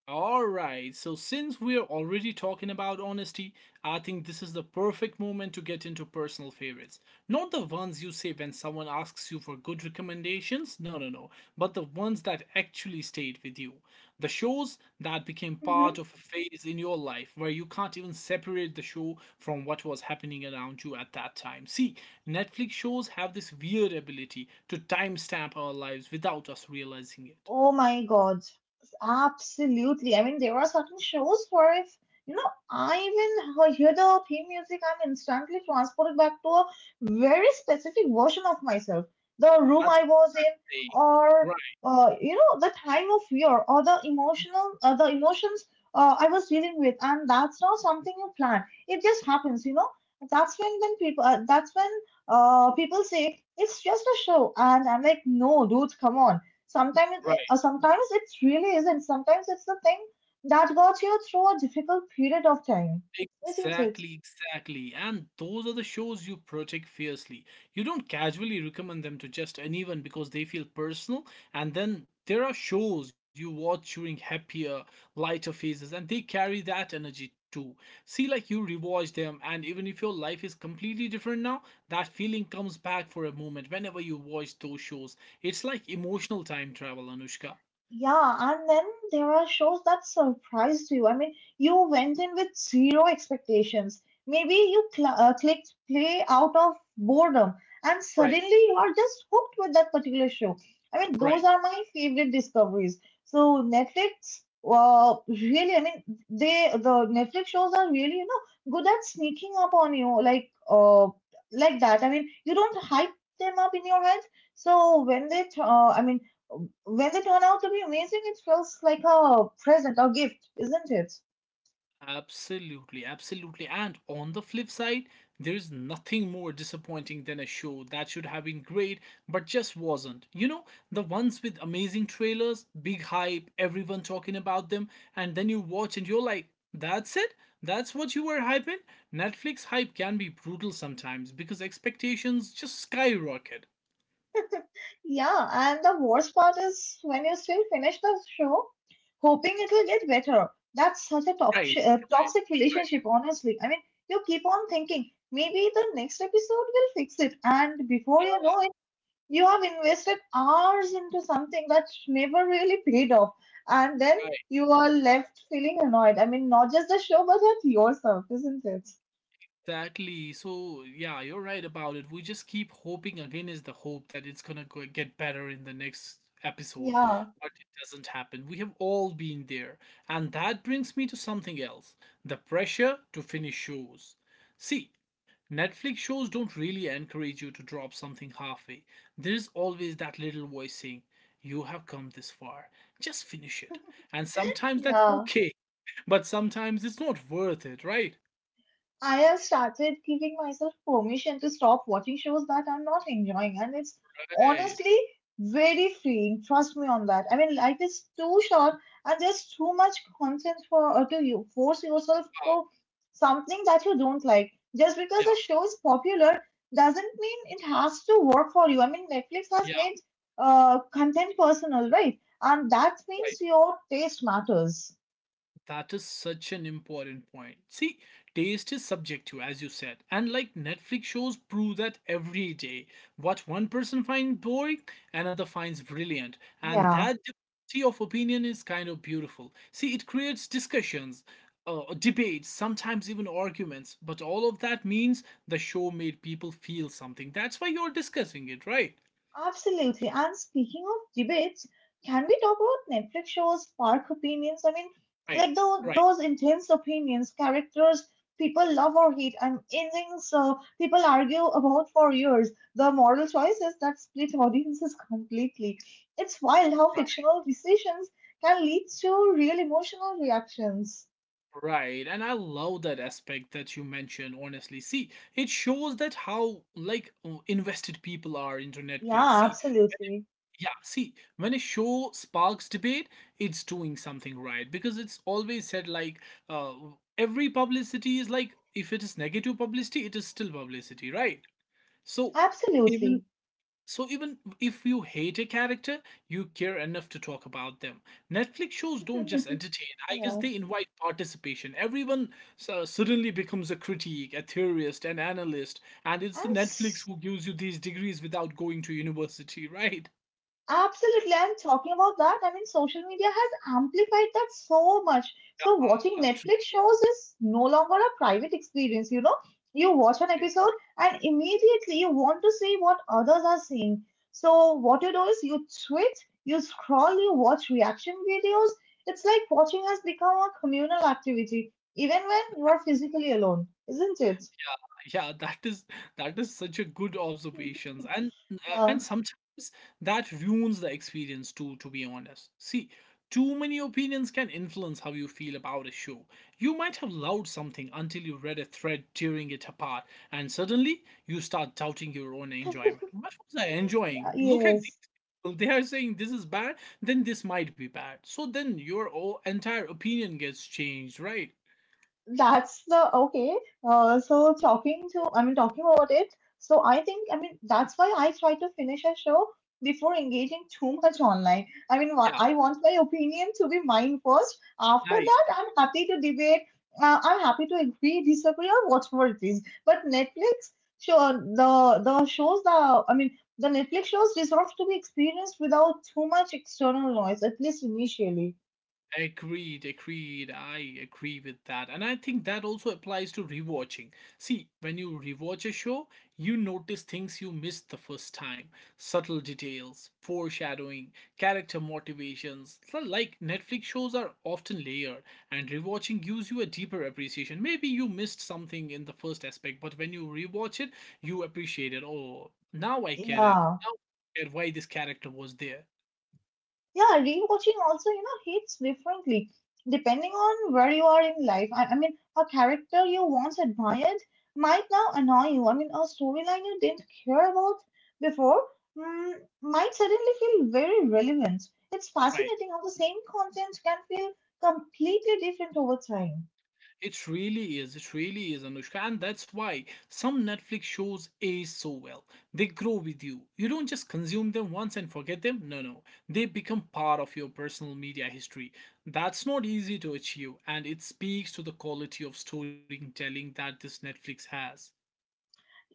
S1: Alright, so since we're already talking about honesty, I think this is the perfect moment to get into personal favorites. Not the ones you say when someone asks you for good recommendations, no, no, no, but the ones that actually stayed with you. The shows that became part of a phase in your life where you can't even separate the show from what was happening around you at that time. See, Netflix shows have this weird ability to timestamp our lives without us realizing it.
S2: Oh my God. Absolutely. I mean, there are certain shows where if, you know, I even hear the theme music, I'm instantly transported back to a very specific version of myself. The room
S1: That's
S2: I
S1: a
S2: was in,
S1: thing.
S2: or,
S1: Right,
S2: uh, you know, the time of year, or the emotional, uh, the emotions uh, I was dealing with. And that's not something you plan. It just happens, you know. That's when then people, uh, that's when uh, people say, it's just a show. And I'm like, no, dude, come on. Sometimes, it-
S1: right.
S2: uh, sometimes it really isn't. Sometimes it's the thing that got you through a difficult period of time, isn't it?
S1: Exactly, exactly. And those are the shows you protect fiercely. You don't casually recommend them to just anyone because they feel personal. And then there are shows you watch during happier, lighter phases, and they carry that energy too. See, like you rewatch them, and even if your life is completely different now, that feeling comes back for a moment whenever you watch those shows. It's like emotional time travel, Anushka.
S2: Yeah, and then there are shows that surprised you. I mean, you went in with zero expectations. Maybe you cl- uh, clicked play out of boredom, and
S1: Right,
S2: suddenly you are just hooked with that particular show. I mean, those
S1: right.
S2: are my favorite discoveries. So Netflix, uh, really, I mean, they the Netflix shows are really, you know, good at sneaking up on you, like, uh, like that. I mean, you don't hype them up in your head. So when they, th- uh, I mean when they turn out to be amazing, it feels like a present or gift, isn't it?
S1: Absolutely, absolutely. And on the flip side, there is nothing more disappointing than a show that should have been great but just wasn't. You know, the ones with amazing trailers, big hype, everyone talking about them, and then you watch and you're like, that's it? That's what you were hyping? Netflix hype can be brutal sometimes because expectations just skyrocket.
S2: Yeah, and the worst part is when you still finish the show, hoping it will get better. That's such a
S1: Right,
S2: toxic, uh,
S1: right,
S2: toxic
S1: right,
S2: relationship, honestly. I mean, you keep on thinking maybe the next episode will fix it, and before you know it, you have invested hours into something that never really paid off, and then
S1: right.
S2: you are left feeling annoyed. I mean, not just the show, but at yourself, isn't it?
S1: Exactly. So, yeah, you're right about it. We just keep hoping again is the hope that it's gonna go get better in the next episode,
S2: Yeah.
S1: but it doesn't happen. We have all been there. And that brings me to something else, the pressure to finish shows. See, Netflix shows don't really encourage you to drop something halfway. There's always that little voice saying, you have come this far, just finish it. And sometimes that's
S2: Yeah,
S1: okay, but sometimes it's not worth it, right?
S2: I have started giving myself permission to stop watching shows that I'm not enjoying, and it's
S1: Right.
S2: honestly very freeing. Trust me on that. I mean, life is too short, and there's too much content for uh, to you force yourself
S1: Wow.
S2: through something that you don't like. Just because the show is popular doesn't mean it has to work for you. I mean, Netflix has
S1: Yeah,
S2: made uh, content personal, right? And that means
S1: right.
S2: your taste matters.
S1: That is such an important point. See, taste is subjective, as you said, and like Netflix shows prove that every day. What one person finds boring, another finds brilliant, and
S2: Yeah.
S1: that diversity of opinion is kind of beautiful. See, it creates discussions, uh, debates, sometimes even arguments, but all of that means the show made people feel something. That's why you're discussing it, right?
S2: Absolutely. And speaking of debates, can we talk about Netflix shows, spark opinions? I mean,
S1: Right,
S2: like tho-
S1: right,
S2: those intense opinions, characters people love or hate, and endings uh, people argue about for years, the moral choices that split audiences completely. It's wild how
S1: right.
S2: fictional decisions can lead to real emotional reactions.
S1: Right, and I love that aspect that you mentioned, honestly. See, it shows that how like oh, invested people are into Netflix.
S2: Yeah,
S1: See,
S2: absolutely.
S1: yeah, see, when a show sparks debate, it's doing something right because it's always said like uh, every publicity is like if it is negative publicity, it is still publicity, right? So even
S2: Absolutely.
S1: so even if you hate a character, you care enough to talk about them. Netflix shows don't just entertain. I guess
S2: Yeah.
S1: they invite participation. Everyone su- suddenly becomes a critique, a theorist, an analyst, and it's the
S2: And
S1: Netflix who gives you these degrees without going to university, right?
S2: Absolutely, I'm talking about that. I mean, social media has amplified that so much. So,
S1: Ah,
S2: watching
S1: true.
S2: Netflix shows is no longer a private experience, you know. You watch an
S1: Right,
S2: episode and immediately you want to see what others are seeing. So, what you do is you tweet, you scroll, you watch reaction videos. It's like watching has become a communal activity, even when you are physically alone, isn't it?
S1: Yeah, that is that is such a good observations, and uh,
S2: Yeah,
S1: and sometimes that ruins the experience too. To be honest, see, too many opinions can influence how you feel about a show. You might have loved something until you read a thread tearing it apart, and suddenly you start doubting your own enjoyment. What was I
S2: yeah,
S1: enjoying? Look at these
S2: yes.
S1: people. They are saying this is bad, then this might be bad. So then your o- entire opinion gets changed, right?
S2: That's the okay. Uh, so talking to, I mean, talking about it. So I think, I mean, That's why I try to finish a show before engaging too much online. I mean, wha-
S1: Yeah,
S2: I want my opinion to be mine first. After
S1: nice.
S2: that, I'm happy to debate. Uh, I'm happy to agree, disagree, or whatever it is. But Netflix, sure, the the shows, the I mean, the Netflix shows deserve to be experienced without too much external noise, at least initially.
S1: Agreed, agreed. I agree with that. And I think that also applies to rewatching. See, when you rewatch a show, you notice things you missed the first time, subtle details, foreshadowing, character motivations. So, like Netflix shows are often layered, and rewatching gives you a deeper appreciation. Maybe you missed something in the first aspect, but when you rewatch it, you appreciate it. Oh, now I get it.
S2: Yeah.
S1: Now I get why this character was there.
S2: Yeah, rewatching also, you know, hits differently depending on where you are in life. I, I mean, a character you once admired might now annoy you. I mean, a storyline you didn't care about before mm, might suddenly feel very relevant. It's
S1: Right.
S2: fascinating how the same content can feel completely different over time.
S1: It really is. It really is, Anushka. And that's why some Netflix shows age so well. They grow with you. You don't just consume them once and forget them. No, no. They become part of your personal media history. That's not easy to achieve, and it speaks to the quality of storytelling that this Netflix has.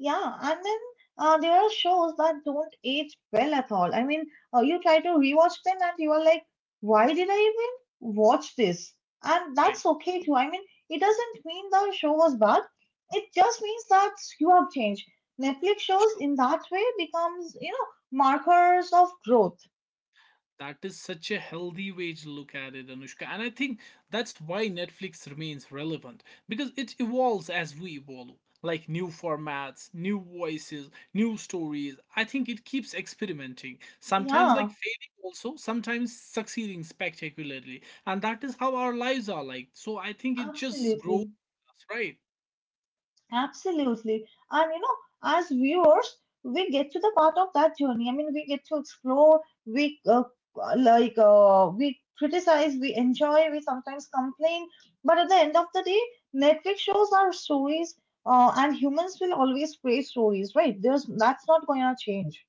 S2: Yeah, and then uh, there are shows that don't age well at all. I mean, uh, you try to rewatch them and you are like, why did I even watch this? And
S1: Right.
S2: that's okay too. I mean, it doesn't mean the show was bad. It just means that you have changed. Netflix shows in that way becomes, you know, markers of growth.
S1: That is such a healthy way to look at it, Anushka. And I think that's why Netflix remains relevant because it evolves as we evolve, like new formats, new voices, new stories. I think it keeps experimenting, sometimes like
S2: Yeah,
S1: failing, also, sometimes succeeding spectacularly. And that is how our lives are like. So I think it just grows
S2: absolutely.
S1: us, right?
S2: Absolutely. And you know, as viewers, we get to the part of that journey. I mean, we get to explore, we uh, like, uh, we criticize, we enjoy, we sometimes complain. But at the end of the day, Netflix shows are stories, uh, and humans will always create stories, right? There's That's not going to change.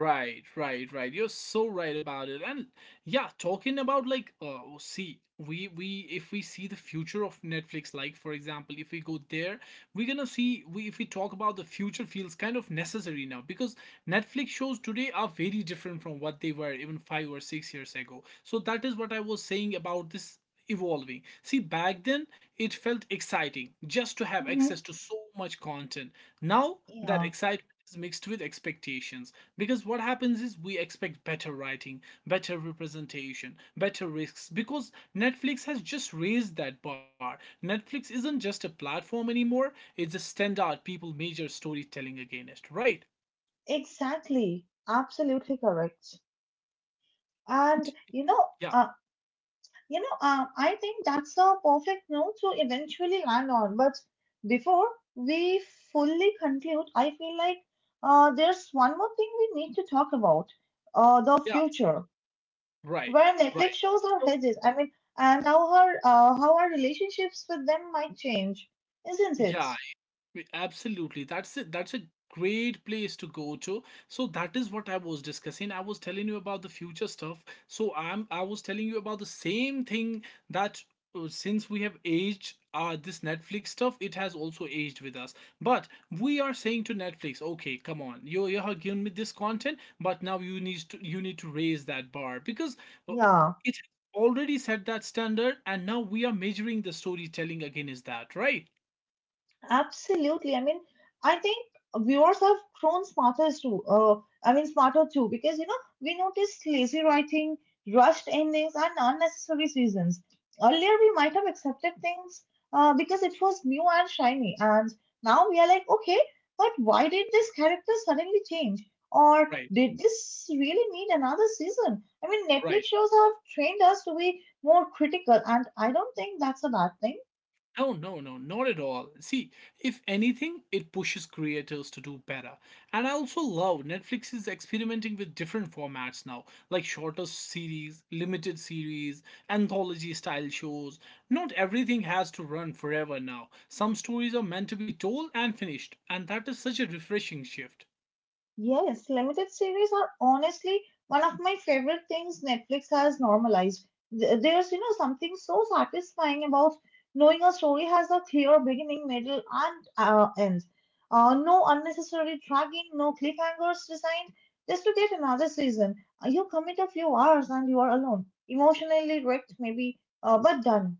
S1: Right, right, right. You're so right about it. And yeah, talking about like uh oh, see, we we if we see the future of Netflix, like for example, if we go there, we're gonna see, we if we talk about the future, feels kind of necessary now because Netflix shows today are very different from what they were even five or six years ago. So that is what I was saying about this evolving. See, back then it felt exciting just to have
S2: Hmm.
S1: access to so much content. Now that
S2: Yeah,
S1: excitement is mixed with expectations because what happens is we expect better writing, better representation, better risks because Netflix has just raised that bar. Netflix isn't just a platform anymore, it's a standard people measure storytelling against, right?
S2: exactly. Absolutely correct. And you know,
S1: Yeah,
S2: uh, You know, um, I think that's a perfect note to eventually land on. But before we fully conclude, I feel like uh, there's one more thing we need to talk about uh, the
S1: yeah,
S2: future,
S1: right,
S2: where Netflix
S1: right,
S2: shows are
S1: so
S2: headed. I mean, and how our, uh, how our relationships with them might change, isn't it?
S1: yeah. Y- Absolutely. That's it. That's a great place to go to. So that is what I was discussing. I was telling you about the future stuff. So I'm I was telling you about the same thing that uh, since we have aged uh this Netflix stuff, it has also aged with us. But we are saying to Netflix, okay, come on, you you have given me this content, but now you need to you need to raise that bar because uh,
S2: Yeah.
S1: it already set that standard, and now we are measuring the storytelling against that, right?
S2: Absolutely. I mean, I think viewers have grown smarter too. Uh, I mean, smarter too, because you know we noticed lazy writing, rushed endings, and unnecessary seasons. Earlier, we might have accepted things uh, because it was new and shiny, and now we are like, okay, but why did this character suddenly change? Or
S1: Right,
S2: did this really need another season? I mean, Netflix
S1: right.
S2: shows have trained us to be more critical, and I don't think that's a bad thing.
S1: No, no, no, not at all. See, if anything, it pushes creators to do better. And I also love Netflix is experimenting with different formats now, like shorter series, limited series, anthology style shows. Not everything has to run forever now. Some stories are meant to be told and finished, and that is such a refreshing shift.
S2: Yes, limited series are honestly one of my favorite things Netflix has normalized. Th- There's, you know, something so satisfying about knowing a story has a clear beginning, middle, and uh, end. Uh, no unnecessary dragging, no cliffhangers designed just to get another season. Uh, You commit a few hours and you are alone, emotionally wrecked maybe, uh, but done.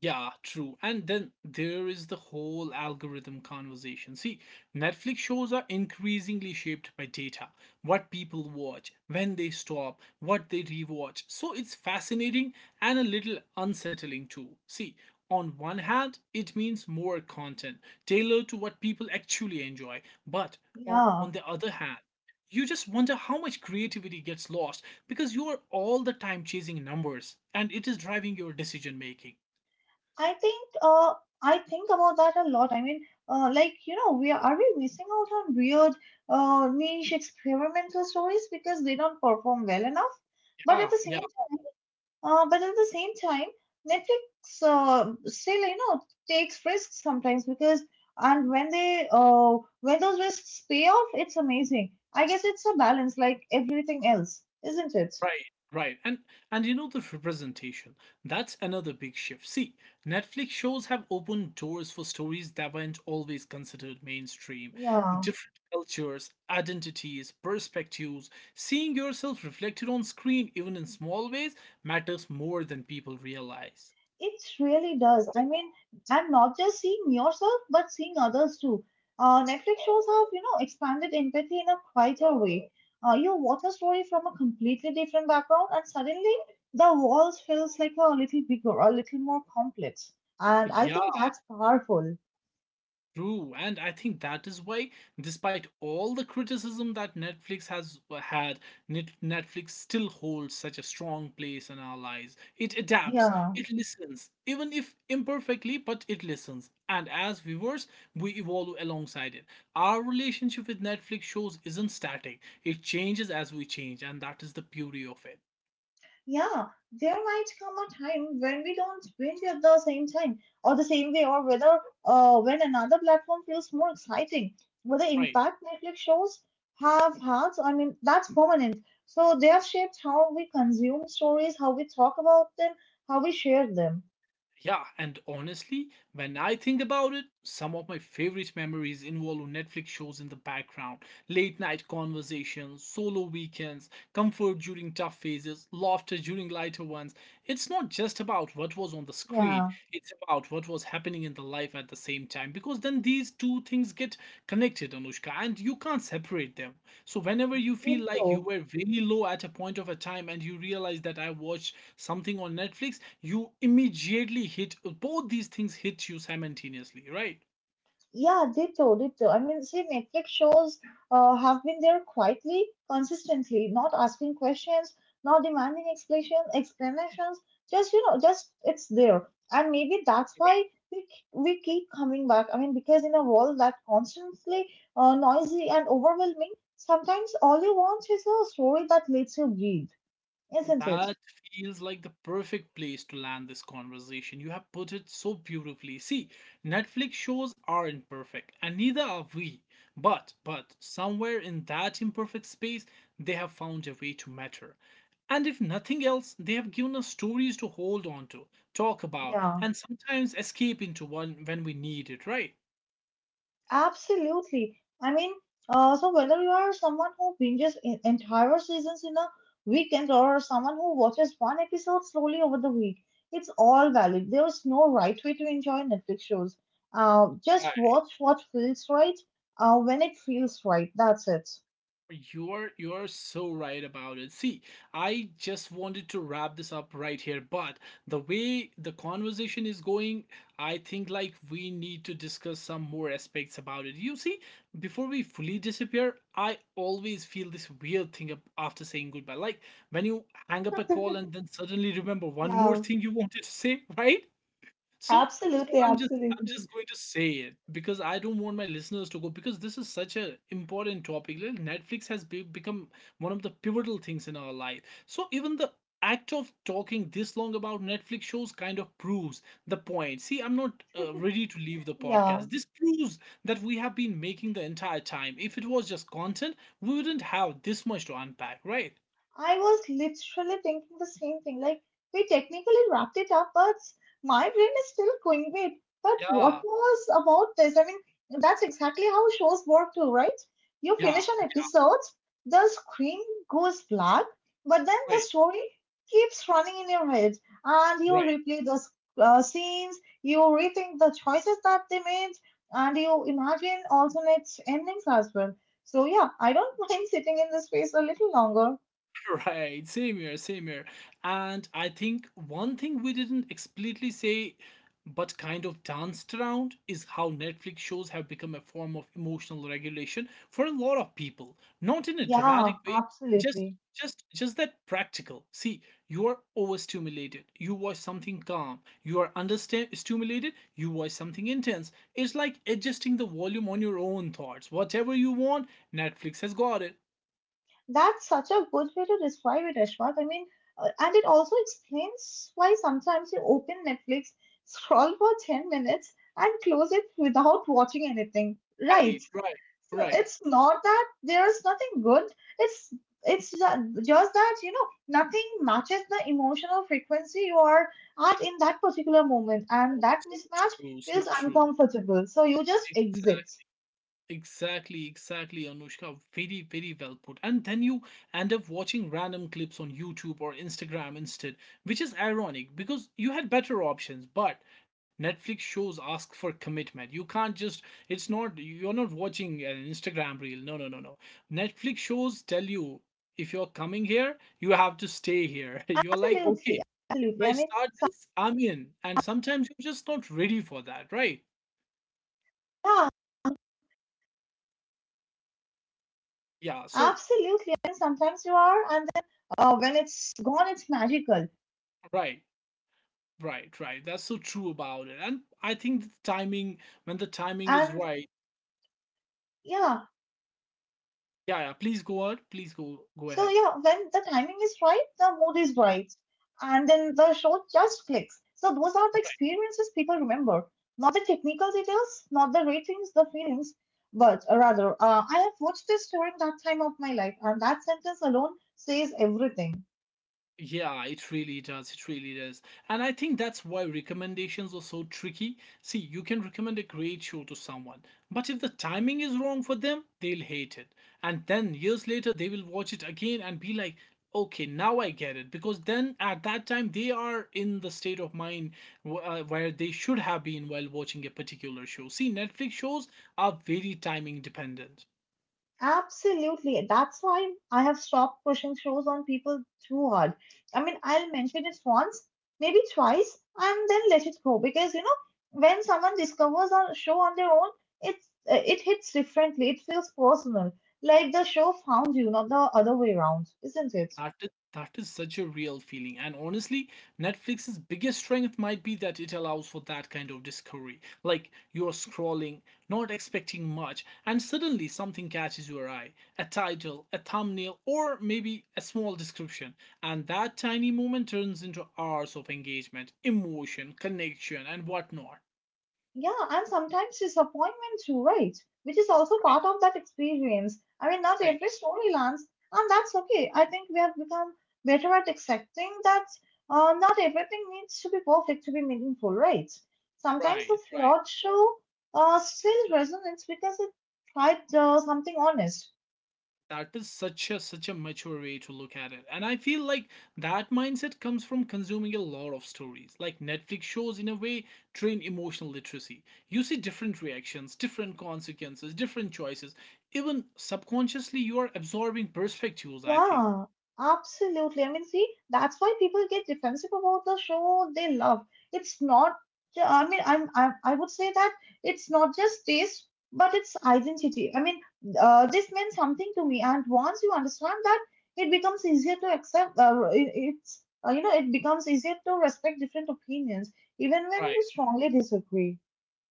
S1: Yeah, true. And then there is the whole algorithm conversation. See, Netflix shows are increasingly shaped by data, what people watch, when they stop, what they rewatch. So it's fascinating and a little unsettling too. See, on one hand, it means more content tailored to what people actually enjoy, but on the
S2: Yeah.
S1: other hand, you just wonder how much creativity gets lost because you are all the time chasing numbers and it is driving your decision making.
S2: I think uh I think about that a lot. I mean, uh, like you know, we are, are we missing out on weird uh niche experimental stories because they don't perform well enough? But at
S1: Ah,
S2: the
S1: yeah,
S2: same uh, but at the same time, Netflix uh, still you know takes risks sometimes because and when they uh when those risks pay off, it's amazing. I guess it's a balance like everything else, isn't it?
S1: right, right. And and you know the representation. That's another big shift. See, Netflix shows have opened doors for stories that weren't always considered mainstream.
S2: Yeah.
S1: Different cultures, identities, perspectives, seeing yourself reflected on screen even in small ways matters more than people realize.
S2: It really does. I mean, I'm not just seeing yourself, but seeing others too. Uh, Netflix shows have, you know, expanded empathy in a quieter way. Uh, you watch a story from a completely different background, and suddenly the walls feels like a little bigger, a little more complex. And I
S1: Yeah,
S2: think that's powerful.
S1: true, and I think that is why, despite all the criticism that Netflix has uh, had, Net- Netflix still holds such a strong place in our lives. It adapts,
S2: Yeah.
S1: it listens, even if imperfectly, but it listens. And as viewers, we evolve alongside it. Our relationship with Netflix shows isn't static, it changes as we change, and that is the beauty of it.
S2: Yeah, there might come a time when we don't binge at the same time or the same way, or whether uh, when another platform feels more exciting. But the
S1: Right.
S2: impact Netflix shows have had, I mean, that's permanent. So they have shaped how we consume stories, how we talk about them, how we share them.
S1: Yeah, and honestly, when I think about it, some of my favorite memories involve Netflix shows in the background, late night conversations, solo weekends, comfort during tough phases, laughter during lighter ones. It's not just about what was on the screen,
S2: Yeah,
S1: it's about what was happening in the life at the same time because then these two things get connected, Anushka, and you can't separate them. So whenever you feel like you
S2: ditto.
S1: were very low at a point of a time and you realize that I watched something on Netflix, you immediately hit, both these things hit you simultaneously, right?
S2: Yeah, ditto, ditto. I mean, see, Netflix shows uh, have been there quietly, consistently, not asking questions, not demanding explanation, explanations. Just you know, just it's there, and maybe that's why we k- we keep coming back. I mean, because in a world that constantly uh, noisy and overwhelming, sometimes all you want is a story that lets you breathe, isn't it?
S1: That feels like the perfect place to land this conversation. You have put it so beautifully. See, Netflix shows aren't perfect, and neither are we. But, but, somewhere in that imperfect space, they have found a way to matter. And if nothing else, they have given us stories to hold on to, talk about,
S2: Yeah.
S1: and sometimes escape into one when we need it, right?
S2: Absolutely. I mean, uh, so whether you are someone who binges en- entire seasons in a weekend or someone who watches one episode slowly over the week, it's all valid. There's no right way to enjoy Netflix shows. Uh, just watch what feels right, uh, when it feels right. That's it.
S1: You're you're so right about it. See, I just wanted to wrap this up right here, but the way the conversation is going, I think like we need to discuss some more aspects about it. You see, before we fully disappear, I always feel this weird thing ab- after saying goodbye. Like when you hang up a call and then suddenly remember one more
S2: Yeah,
S1: thing you wanted to say, right? So so
S2: absolutely,
S1: I'm just
S2: absolutely.
S1: I'm just going to say it because I don't want my listeners to go because this is such an important topic. Like, Netflix has be, become one of the pivotal things in our life. So even the act of talking this long about Netflix shows kind of proves the point. See, I'm not uh, ready to leave the
S2: Yeah.
S1: podcast. This proves that we have been making the entire time. If it was just content, we wouldn't have this much to unpack, right?
S2: I was literally thinking the same thing. Like, we technically wrapped it up, but my brain is still going, wait, but what
S1: Yeah.
S2: was about this? I mean, that's exactly how shows work too, right? You
S1: Yeah.
S2: finish an episode, the screen goes black, but then the
S1: Right.
S2: story keeps running in your head, and you
S1: Right.
S2: replay those uh, scenes, you rethink the choices that they made, and you imagine alternate endings as well. So, yeah, I don't mind sitting in this space a little longer.
S1: Right, same here, same here. And I think one thing we didn't explicitly say but kind of danced around is how Netflix shows have become a form of emotional regulation for a lot of people. Not in a
S2: Yeah,
S1: dramatic way, just
S2: absolutely.
S1: just just that practical. See, you are overstimulated. You watch something calm. You are understand stimulated, you watch something intense. It's like adjusting the volume on your own thoughts. Whatever you want, Netflix has got it.
S2: That's such a good way to describe it, Ashwath. I mean, uh, and it also explains why sometimes you open Netflix, scroll for ten minutes, and close it without watching anything, right?
S1: Right, right,
S2: So
S1: right.
S2: it's not that there's nothing good. It's it's ju- just that, you know, nothing matches the emotional frequency you are at in that particular moment, and
S1: Oh,
S2: that
S1: so
S2: mismatch
S1: true, so
S2: feels
S1: true.
S2: uncomfortable. So you just exit.
S1: Exac- Exactly, exactly, Anushka. Very, very well put. And then you end up watching random clips on YouTube or Instagram instead, which is ironic because you had better options, but Netflix shows ask for commitment. You can't just, it's not, you're not watching an Instagram reel. No, no, no, no. Netflix shows tell
S2: Absolutely.
S1: you, if
S2: I
S1: you're
S2: mean,
S1: coming here, you have to stay here. You're like, okay, I start this, I'm in. And sometimes
S2: yeah,
S1: you're just not ready for that, right?
S2: absolutely. And sometimes you are,
S1: Yeah,
S2: and then
S1: so
S2: uh, when it's gone, it's magical.
S1: right, right, right. That's so true about it. And I think the
S2: And
S1: timing, when the timing is right,
S2: yeah,
S1: yeah, yeah,
S2: so
S1: please
S2: yeah,
S1: go ahead.
S2: when the
S1: Please
S2: timing
S1: go
S2: is
S1: go
S2: right,
S1: ahead.
S2: the mood is right, and then the show just clicks. So those are the experiences people remember, not the technical details, not the ratings, the feelings, but uh, rather, uh, I have watched this during that time of my life, and that sentence alone says everything.
S1: Yeah, it really does. It really does. And I think that's why recommendations are so tricky. See, you can recommend a great show to someone, but if the timing is wrong for them, they'll hate it. And then years later, they will watch it again and be like, okay, now I get it. Because then at that time, they are in the state of mind wh- uh, where they should have been while watching a particular show. See, Netflix shows are very timing dependent.
S2: Absolutely. That's why I have stopped pushing shows on people too hard. I mean, I'll mention it once, maybe twice, and then let it go because you know, when someone discovers a show on their own, it's uh, it hits differently. It feels personal, like the show found you, not the other way around, isn't it?
S1: That is, that is such a real feeling. And honestly, Netflix's biggest strength might be that it allows for that kind of discovery. Like you're scrolling, not expecting much, and suddenly something catches your eye, a title, a thumbnail, or maybe a small description. And that tiny moment turns into hours of engagement, emotion, connection, and whatnot.
S2: Yeah, and sometimes disappointment too, right? Which is also part of that experience. I mean, not
S1: Right,
S2: every story lands, and that's okay. I think we have become better at accepting that uh, not everything needs to be perfect to be meaningful, right? Sometimes the
S1: right, right.
S2: flawed show uh, still resonates because it tried uh, something honest.
S1: That is such a such a mature way to look at it, and I feel like that mindset comes from consuming a lot of stories. Like Netflix shows in a way train emotional literacy. You see different reactions, different consequences, different choices. Even subconsciously you are absorbing perspectives, I think.
S2: Yeah, absolutely. I mean, see, that's why people get defensive about the show they love. It's not, ju- I mean, I'm, I'm, I would say that it's not just taste, but it's identity. I mean, uh, this means something to me. And once you understand that, it becomes easier to accept, uh, it, it's, uh, you know, it becomes easier to respect different opinions, even when
S1: Right.
S2: you strongly disagree.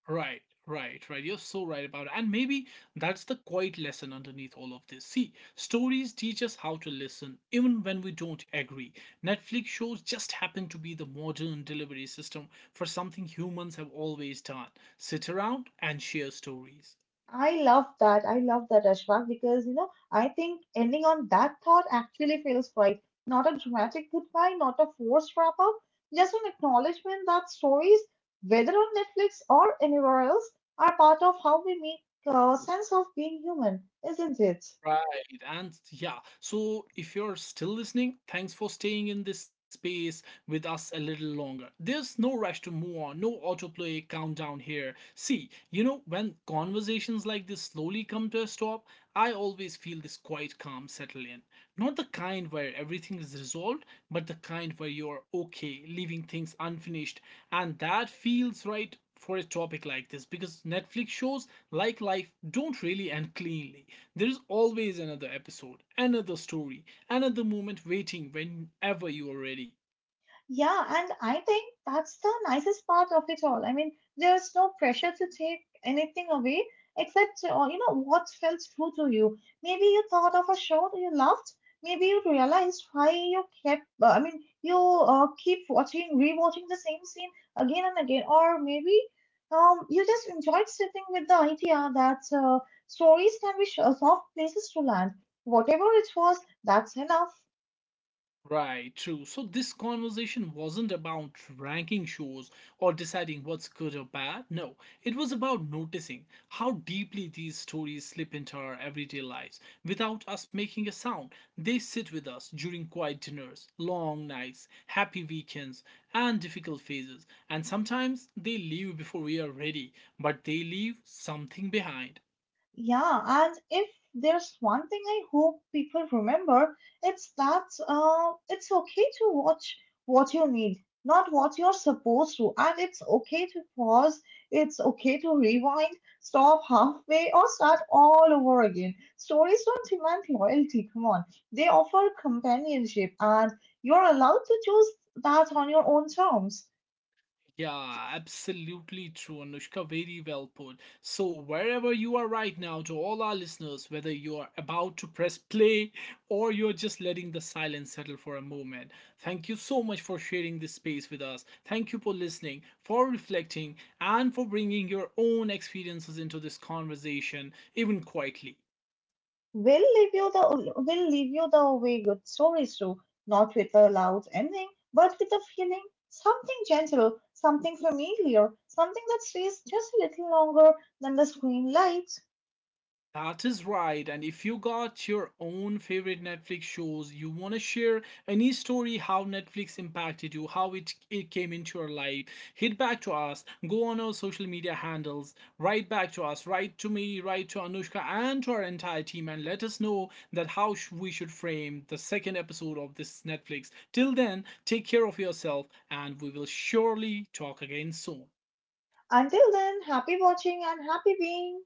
S1: Right, right, right. You're so right about it. And maybe that's the quiet lesson underneath all of this. See, stories teach us how to listen, even when we don't agree. Netflix shows just happen to be the modern delivery system for something humans have always done, sit around and share stories.
S2: I love that. I love that, Ashfaq, because you know, I think ending on that thought actually feels right. Not a dramatic goodbye, not a forced wrap up, just an acknowledgement that stories, whether on Netflix or anywhere else, are part of how we make uh, sense of being human, isn't it?
S1: Right, and yeah. So if you're still listening, thanks for staying in this space with us a little longer. There's no rush to move on, no autoplay countdown here. See, you know, when conversations like this slowly come to a stop, I always feel this quiet calm settle in. Not the kind where everything is resolved, but the kind where you're okay, leaving things unfinished. And that feels right for a topic like this because Netflix shows, like life, don't really end cleanly. There's always another episode, another story, another moment waiting whenever you are ready.
S2: Yeah, and I think that's the nicest part of it all. I mean, there's no pressure to take anything away except, uh, you know, what felt true to you. Maybe you thought of a show you loved. Maybe you realized why you kept, uh, I mean, you uh, keep watching, rewatching the same scene again and again. Or maybe um, you just enjoyed sitting with the idea that uh, stories can be sh- soft places to land. Whatever it was, that's enough.
S1: Right, true. So this conversation wasn't about ranking shows or deciding what's good or bad. No, it was about noticing how deeply these stories slip into our everyday lives without us making a sound. They sit with us during quiet dinners, long nights, happy weekends, and difficult phases. And sometimes they leave before we are ready, but they leave something behind.
S2: Yeah, and if there's one thing I hope people remember, it's that uh, it's okay to watch what you need, not what you're supposed to. And it's okay to pause, it's okay to rewind, stop halfway, or start all over again. Stories don't demand loyalty, come on. They offer companionship, and you're allowed to choose that on your own terms.
S1: Yeah, absolutely true, Anushka. Very well put. So, wherever you are right now, to all our listeners, whether you are about to press play or you're just letting the silence settle for a moment, thank you so much for sharing this space with us. Thank you for listening, for reflecting, and for bringing your own experiences into this conversation, even quietly.
S2: We'll leave you the we'll leave you the way good stories do, not with a loud ending, but with a feeling, something gentle, something familiar, something that stays just a little longer than the screen lights.
S1: That is right. And if you got your own favorite Netflix shows, you want to share any story how Netflix impacted you, how it, it came into your life, hit back to us, go on our social media handles, write back to us, write to me, write to Anushka and to our entire team, and let us know that how sh- we should frame the second episode of this Netflix. Till then, take care of yourself, and we will surely talk again soon.
S2: Until then, happy watching and happy being.